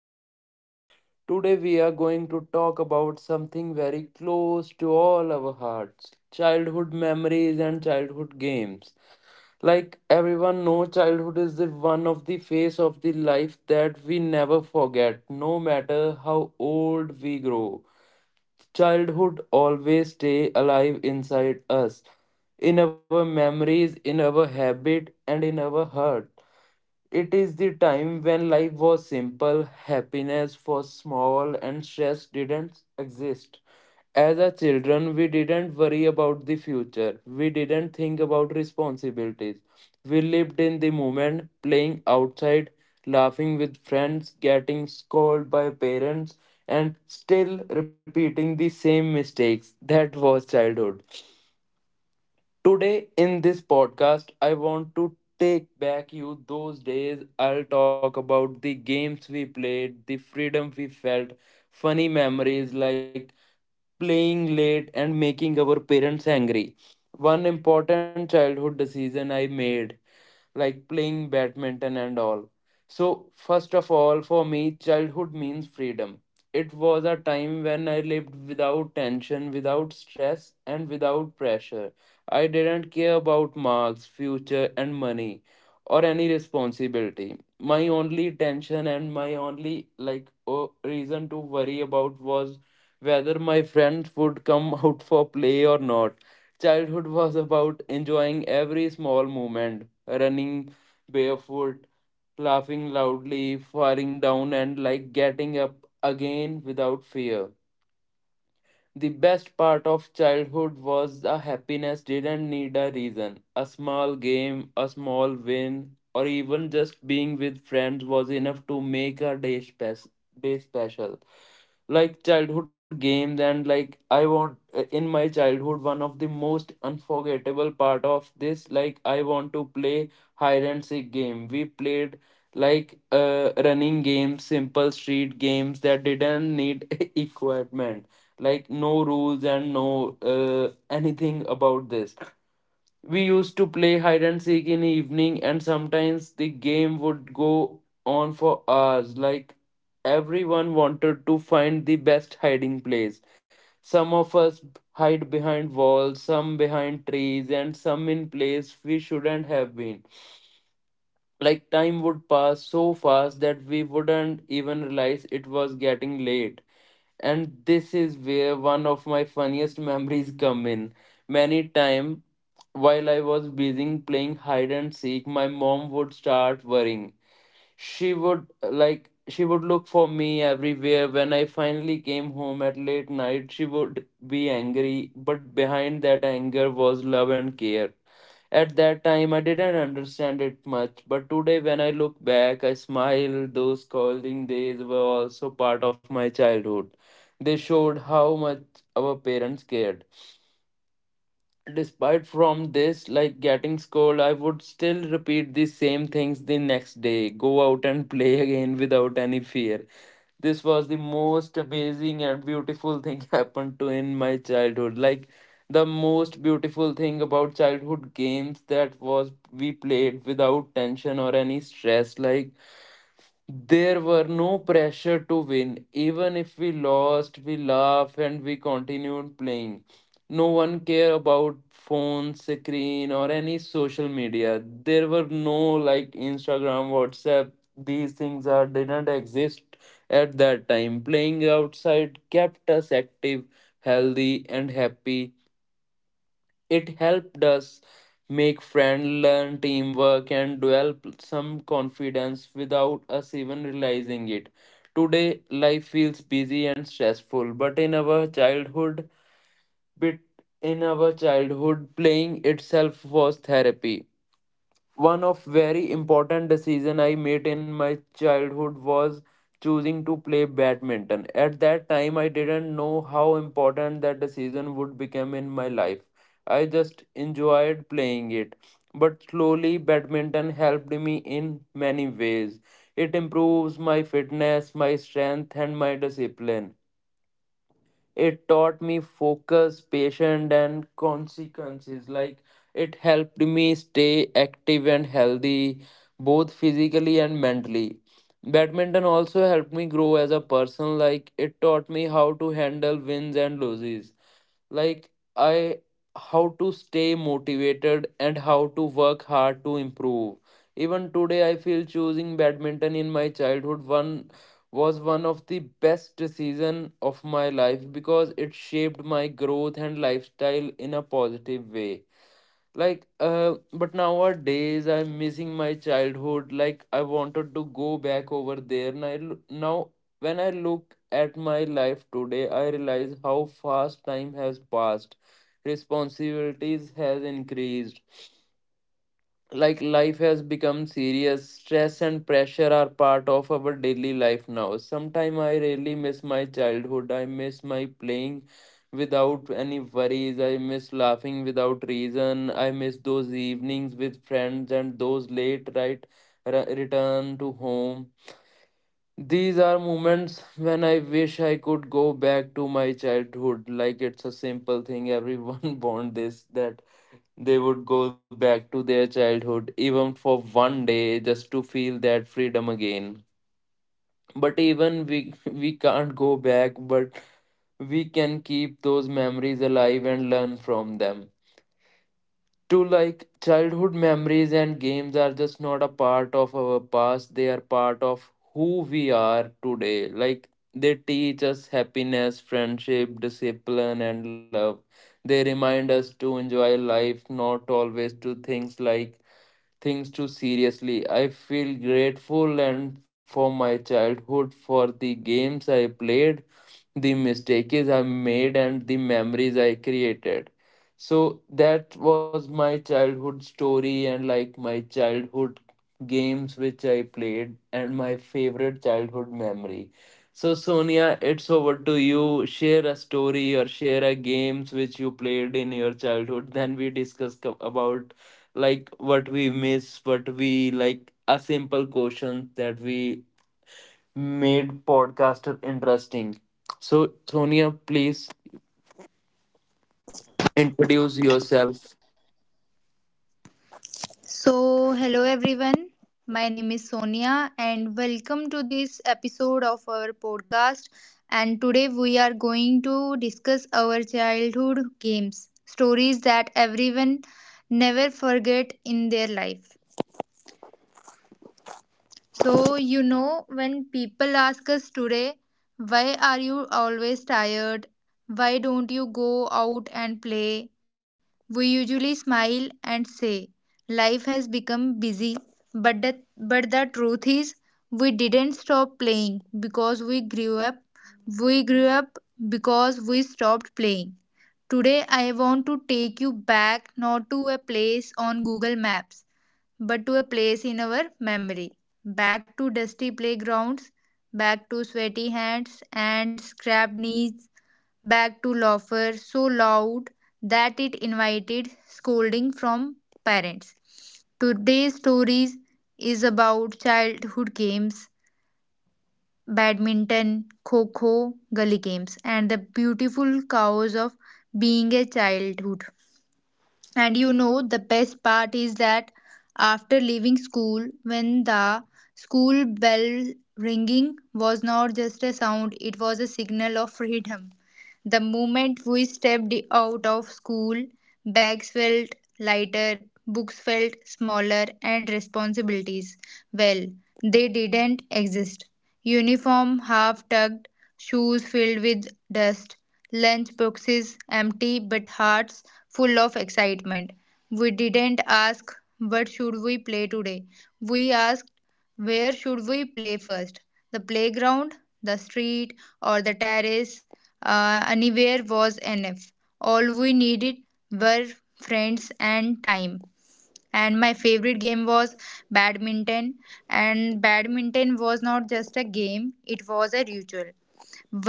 Sonia. Today we are going to talk about something very close to all our hearts, childhood memories and childhood games. Like everyone know, childhood is the one of the phase of the life that we never forget, no matter how old we grow. Childhood always stay alive inside us, in our memories, in our habit, and in our heart. It is the time when life was simple, happiness was small, and stress didn't exist. As a children, we didn't worry about the future. We didn't think about responsibilities. We lived in the moment, playing outside, laughing with friends, getting scolded by parents, and still repeating the same mistakes. That was childhood. Today in this podcast, I want to take back you those days. I'll talk about the games we played, the freedom we felt, funny memories like playing late and making our parents angry. One important childhood decision I made, like playing badminton and all. So, first of all, for me, childhood means freedom. It was a time when I lived without tension, without stress, and without pressure. I didn't care about marks, future, and money, or any responsibility. My only tension and my only reason to worry about was whether my friends would come out for play or not. Childhood was about enjoying every small moment, running barefoot, laughing loudly, falling down, and like getting up again without fear. The best part of childhood was the happiness didn't need a reason. A small game, a small win, or even just being with friends was enough to make a day special. Like childhood games, and like I want in my childhood, one of the most unforgettable part of this, like I want to play hide and seek game. We played like running games, simple street games that didn't need equipment, like no rules and no anything about this. We used to play hide and seek in the evening, and sometimes the game would go on for hours. Like, everyone wanted to find the best hiding place. Some of us hide behind walls, some behind trees, and some in place we shouldn't have been. Like, time would pass so fast that we wouldn't even realize it was getting late. And this is where one of my funniest memories come in. Many time, while I was busy playing hide and seek, my mom would start worrying. She would look for me everywhere. When I finally came home at late night, she would be angry, but behind that anger was love and care. At that time, I didn't understand it much, but today, when I look back, I smile. Those college days were also part of my childhood. They showed how much our parents cared. Despite from this, like getting scold, I would still repeat the same things the next day, go out and play again without any fear. This was the most amazing and beautiful thing happened to in my childhood. Like, the most beautiful thing about childhood games that was we played without tension or any stress. Like, there were no pressure to win. Even if we lost, we laughed and we continued playing. No one cared about phone, screen, or any social media. There were no like Instagram, WhatsApp. These things are didn't exist at that time. Playing outside kept us active, healthy, and happy. It helped us make friends, learn teamwork, and develop some confidence without us even realizing it. Today, life feels busy and stressful, but bit in our childhood, playing itself was therapy. One of very important decision I made in my childhood was choosing to play badminton. At that time, I didn't know how important that decision would become in my life. I just enjoyed playing it. But slowly, badminton helped me in many ways. It improves my fitness, my strength, and my discipline. It taught me focus, patience, and consequences. Like, it helped me stay active and healthy, both physically and mentally. Badminton also helped me grow as a person. Like, it taught me how to handle wins and losses, like I how to stay motivated and how to work hard to improve. Even today, I feel choosing badminton in my childhood one of the best decision of my life, because it shaped my growth and lifestyle in a positive way. Like but nowadays I'm missing my childhood. Like, I wanted to go back over there, and now when I look at my life today, I realize how fast time has passed. Responsibilities has increased. Like, life has become serious. Stress and pressure are part of our daily life now. Sometimes I really miss my childhood. I miss my playing without any worries. I miss laughing without reason. I miss those evenings with friends and those late return to home. These are moments when I wish I could go back to my childhood. Like, it's a simple thing, everyone bond this that they would go back to their childhood, even for one day, just to feel that freedom again. But even we we can't go back, but we can keep those memories alive and learn from them. To, like, childhood memories and games are just not a part of our past, they are part of who we are today. Like, they teach us happiness, friendship, discipline, and love. They remind us to enjoy life, not always to things like things too seriously. I feel grateful and for my childhood, for the games I played, the mistakes I made, and the memories I created. So that was my childhood story, and like my childhood games which I played and my favorite childhood memory. So Sonia, it's over to you. Share a story or share a games which you played in your childhood. Then we discuss about like what we miss, what we like, a simple question that we made podcaster interesting. So Sonia, please introduce yourself. So, hello everyone. My name is Sonia and welcome to this episode of our podcast. And today we are going to discuss our childhood games, stories that everyone never forget in their life. So, you know, when people ask us today, why are you always tired? Why don't you go out and play? We usually smile and say, life has become busy. But the truth is, we didn't stop playing because we grew up. We grew up because we stopped playing. Today, I want to take you back not to a place on Google Maps but to a place in our memory. Back to dusty playgrounds, back to sweaty hands and scrapped knees, back to laughter so loud that it invited scolding from parents. Today's stories is about childhood games, badminton, kho kho, gully games, and the beautiful chaos of being a childhood. And you know, the best part is that after leaving school, when the school bell ringing was not just a sound, it was a signal of freedom. The moment we stepped out of school, bags felt lighter, books felt smaller, and responsibilities well, they didn't exist. Uniform half tugged, shoes filled with dust, lunch boxes empty but hearts full of excitement. We didn't ask, what should we play today? We asked, where should we play first? The playground, the street, or the terrace? Anywhere was enough. All we needed were friends and time, and my favorite game was badminton. And badminton was not just a game, it was a ritual.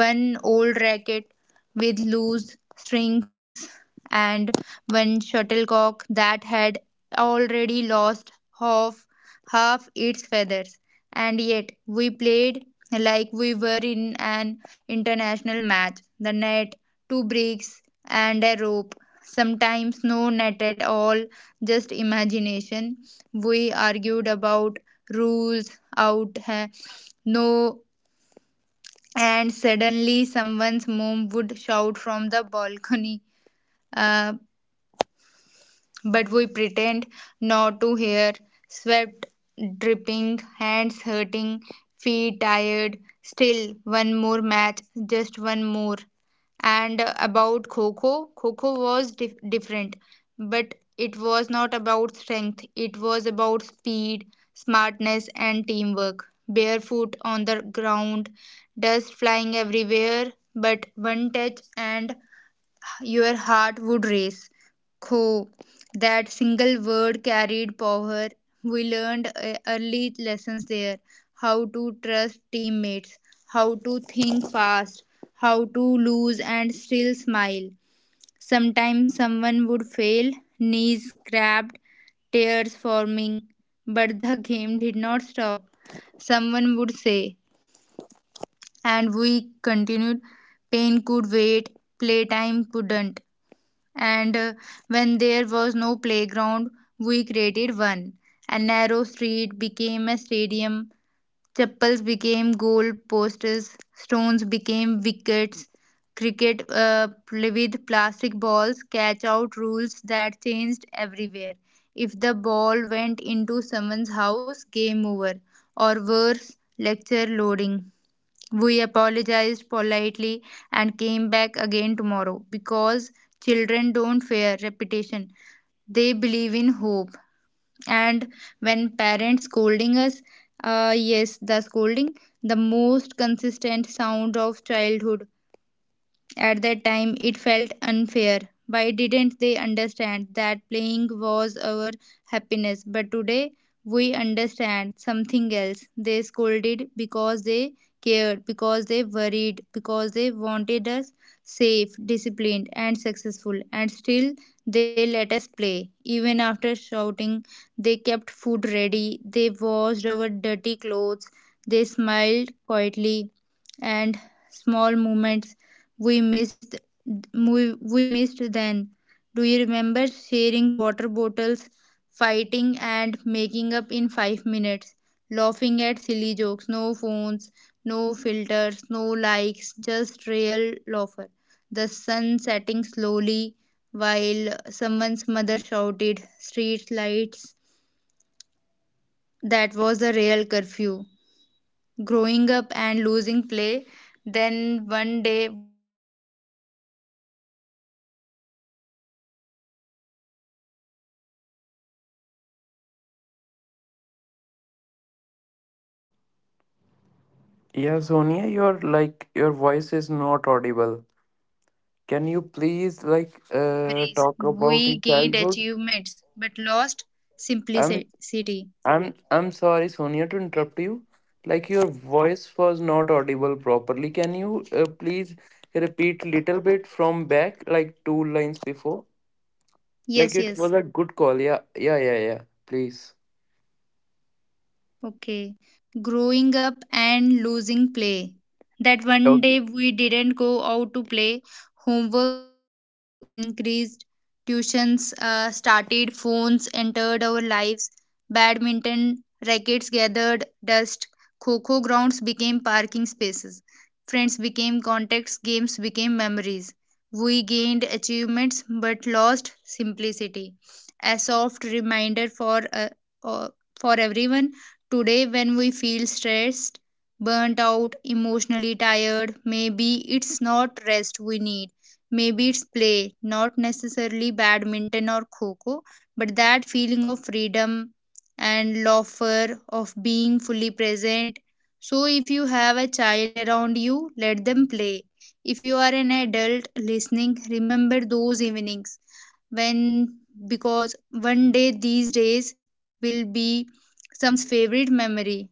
One old racket with loose strings, and one shuttlecock that had already lost half, half its feathers. And yet we played like we were in an international match. The net, two bricks, and a rope. Sometimes no net at all, just imagination. We argued about rules, out, no, and suddenly someone's mom would shout from the balcony, uh, but we pretend not to hear. Sweat dripping, hands hurting, feet tired. Still, one more match, just one more. And about kho kho, kho kho was different, but it was not about strength, it was about speed, smartness, and teamwork. Barefoot on the ground, dust flying everywhere, but one touch and your heart would race. Kho. That single word carried power. We learned early lessons there, how to trust teammates, how to think fast, how to lose and still smile. Sometimes someone would fail, knees cramped, tears forming, but the game did not stop. Someone would say, and we continued. Pain could wait, playtime couldn't. And when there was no playground, we created one. A narrow street became a stadium, chapels became goal posters, stones became wickets, cricket with plastic balls, catch out rules that changed everywhere. If the ball went into someone's house, game over, or worse, lecture loading. We apologized politely and came back again tomorrow because children don't fear repetition. They believe in hope. And when parents scolding us, yes, the scolding, the most consistent sound of childhood. At that time, it felt unfair. Why didn't they understand that playing was our happiness? But today, we understand something else. They scolded because they cared, because they worried, because they wanted us safe, disciplined, and successful. And still, they let us play. Even after shouting, they kept food ready, they washed our dirty clothes, they smiled quietly, and small moments we missed, we missed then. Do you remember sharing water bottles, fighting and making up in 5 minutes, laughing at silly jokes, no phones, no filters, no likes, just real laughter, the sun setting slowly while someone's mother shouted, street lights, that was the real curfew. Growing up and losing play, then one day Yeah, Sonia, your voice is not audible. Can you please like talk about your we gained childhood? achievements but lost I'm simplicity. I'm sorry, Sonia, to interrupt you. Like, your voice was not audible properly. Can you please repeat little bit from back, like two lines before? Like, Yes, it was yes. a good call. Yeah, yeah, yeah, yeah. Please. Okay. Growing up and losing play. That one day we didn't go out to play, homework increased, tuitions started, phones entered our lives, badminton rackets gathered dust, kho grounds became parking spaces, friends became contacts, games became memories. We gained achievements but lost simplicity. A soft reminder uh, for everyone. Today, when we feel stressed, burnt out, emotionally tired, maybe it's not rest we need. Maybe it's play, not necessarily badminton or kho kho, but that feeling of freedom and laughter, of being fully present. So, if you have a child around you, let them play. If you are an adult listening, remember those evenings when, because one day these days will be someone's favorite memory.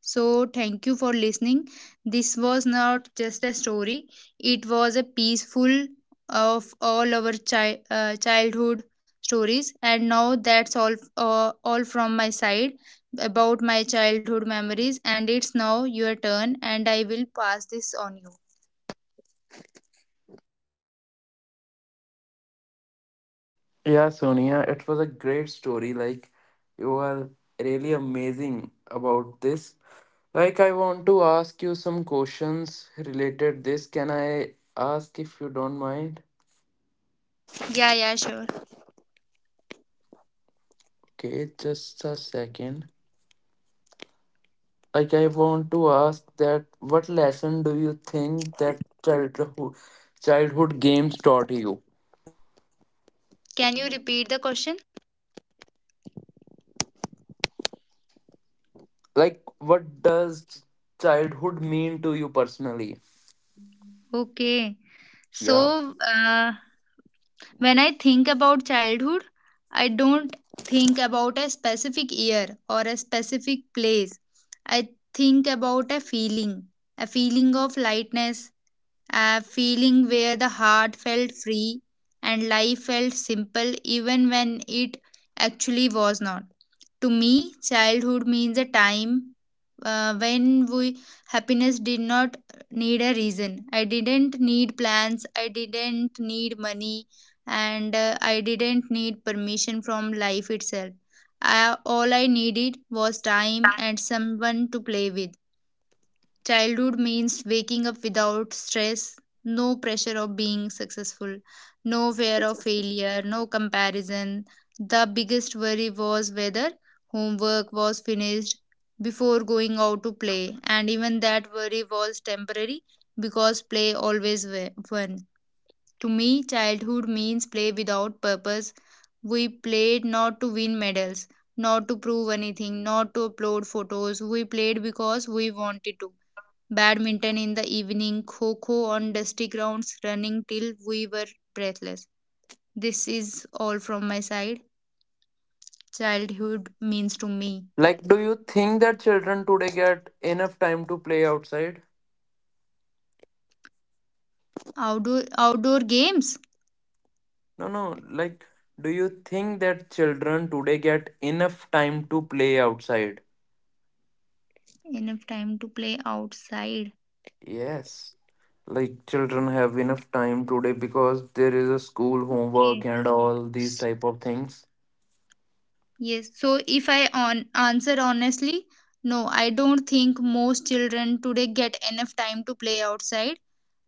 So, thank you for listening. This was not just a story, it was a peaceful of all our childhood stories. And now that's all from my side about my childhood memories. And it's now your turn, and I will pass this on you. Yeah, Sonia, it was a great story. Like, you are really amazing about this. Like, I want to ask you some questions related this. Can I ask if you don't mind? Yeah, yeah, sure. Okay, just a second. Like, I want to ask that what lesson do you think that childhood games taught you? Can you repeat the question? Like, what does childhood mean to you personally? Okay. Yeah. So, when I think about childhood, I don't think about a specific year or a specific place. I think about a feeling of lightness, a feeling where the heart felt free and life felt simple even when it actually was not. To me, childhood means a time when we, happiness did not need a reason. I didn't need plans, I didn't need money, and I didn't need permission from life itself. All I needed was time and someone to play with. Childhood means waking up without stress, no pressure of being successful, no fear of failure, no comparison. The biggest worry was whether homework was finished before going out to play, and even that worry was temporary because play always won. To me, childhood means play without purpose. We played not to win medals, not to prove anything, not to upload photos. We played because we wanted to, badminton in the evening, kho kho on dusty grounds, running till we were breathless. This is all from my side. Childhood means to me. Like, do you think that children today get enough time to play outside? Outdoor games. No, no. Like, do you think that children today get enough time to play outside? Enough time to play outside. Yes. Like, children have enough time today, because there is a school homework Okay. and all these type of things. Yes, so if I on answer honestly, no, I don't think most children today get enough time to play outside.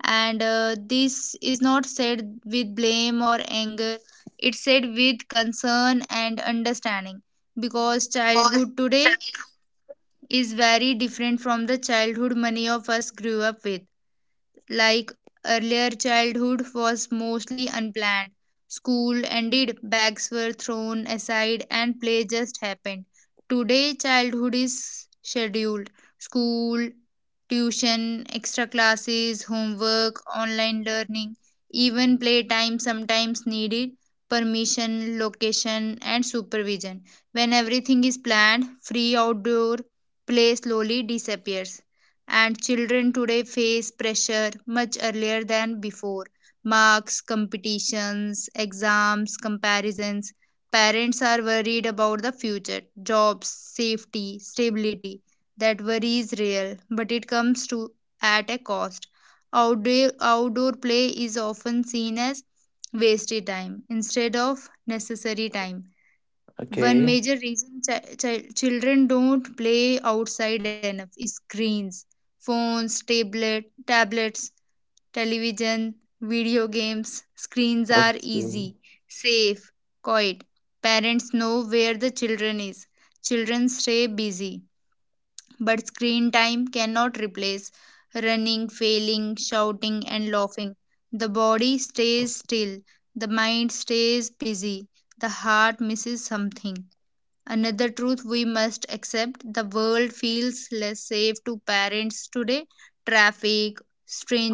And this is not said with blame or anger, it's said with concern and understanding because childhood today is very different from the childhood many of us grew up with, like earlier childhood was mostly unplanned. School ended, bags were thrown aside, and play just happened. Today, childhood is scheduled. School, tuition, extra classes, homework, online learning, even playtime sometimes needed permission, location, and supervision. When everything is planned, free outdoor play slowly disappears, and children today face pressure much earlier than before, marks, competitions, exams, comparisons. Parents are worried about the future, jobs, safety, stability. That worry is real, but it comes to, at a cost. Outdoor play is often seen as wasted time instead of necessary time. One Okay. major reason children don't play outside enough is screens, phones, tablets, television, video games. Screens are Okay. easy, safe, quiet. Parents know where the children is. Children stay busy, but screen time cannot replace running, failing, shouting, and laughing. The body stays still, the mind stays busy, the heart misses something. Another truth we must accept, the world feels less safe to parents today. Traffic,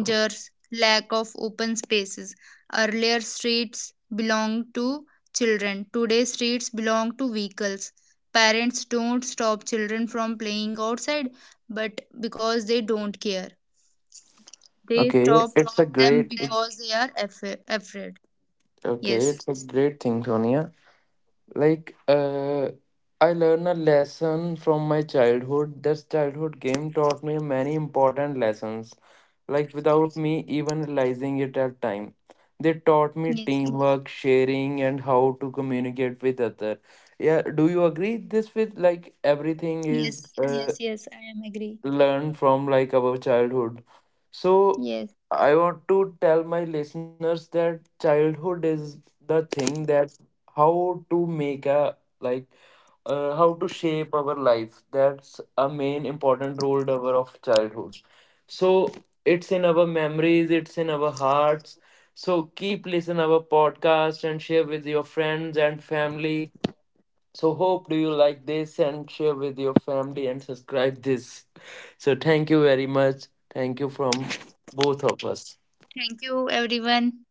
Okay. lack of open spaces. Earlier, streets belonged to children. Today, streets belong to vehicles. Parents don't stop children from playing outside, but because they don't care. They Okay, stop it's a them great. It's, because they are afraid. okay. Yes. It's a great thing, Sonia. Like, I learned a lesson from my childhood. This childhood game taught me many important lessons, like without me even realizing it at time. They taught me Yes. teamwork, sharing, and how to communicate with other. Yeah, do you agree? This with like everything is Yes. Yes. Yes. I am agree. learn from like our childhood. So Yes. I want to tell my listeners that childhood is the thing that how to make a like how to shape our life. That's a main important role driver of childhood. So it's in our memories, it's in our hearts. So keep listening our podcast and share with your friends and family. So hope do you like this, and share with your family and subscribe this. So thank you very much. Thank you from both of us. Thank you, everyone.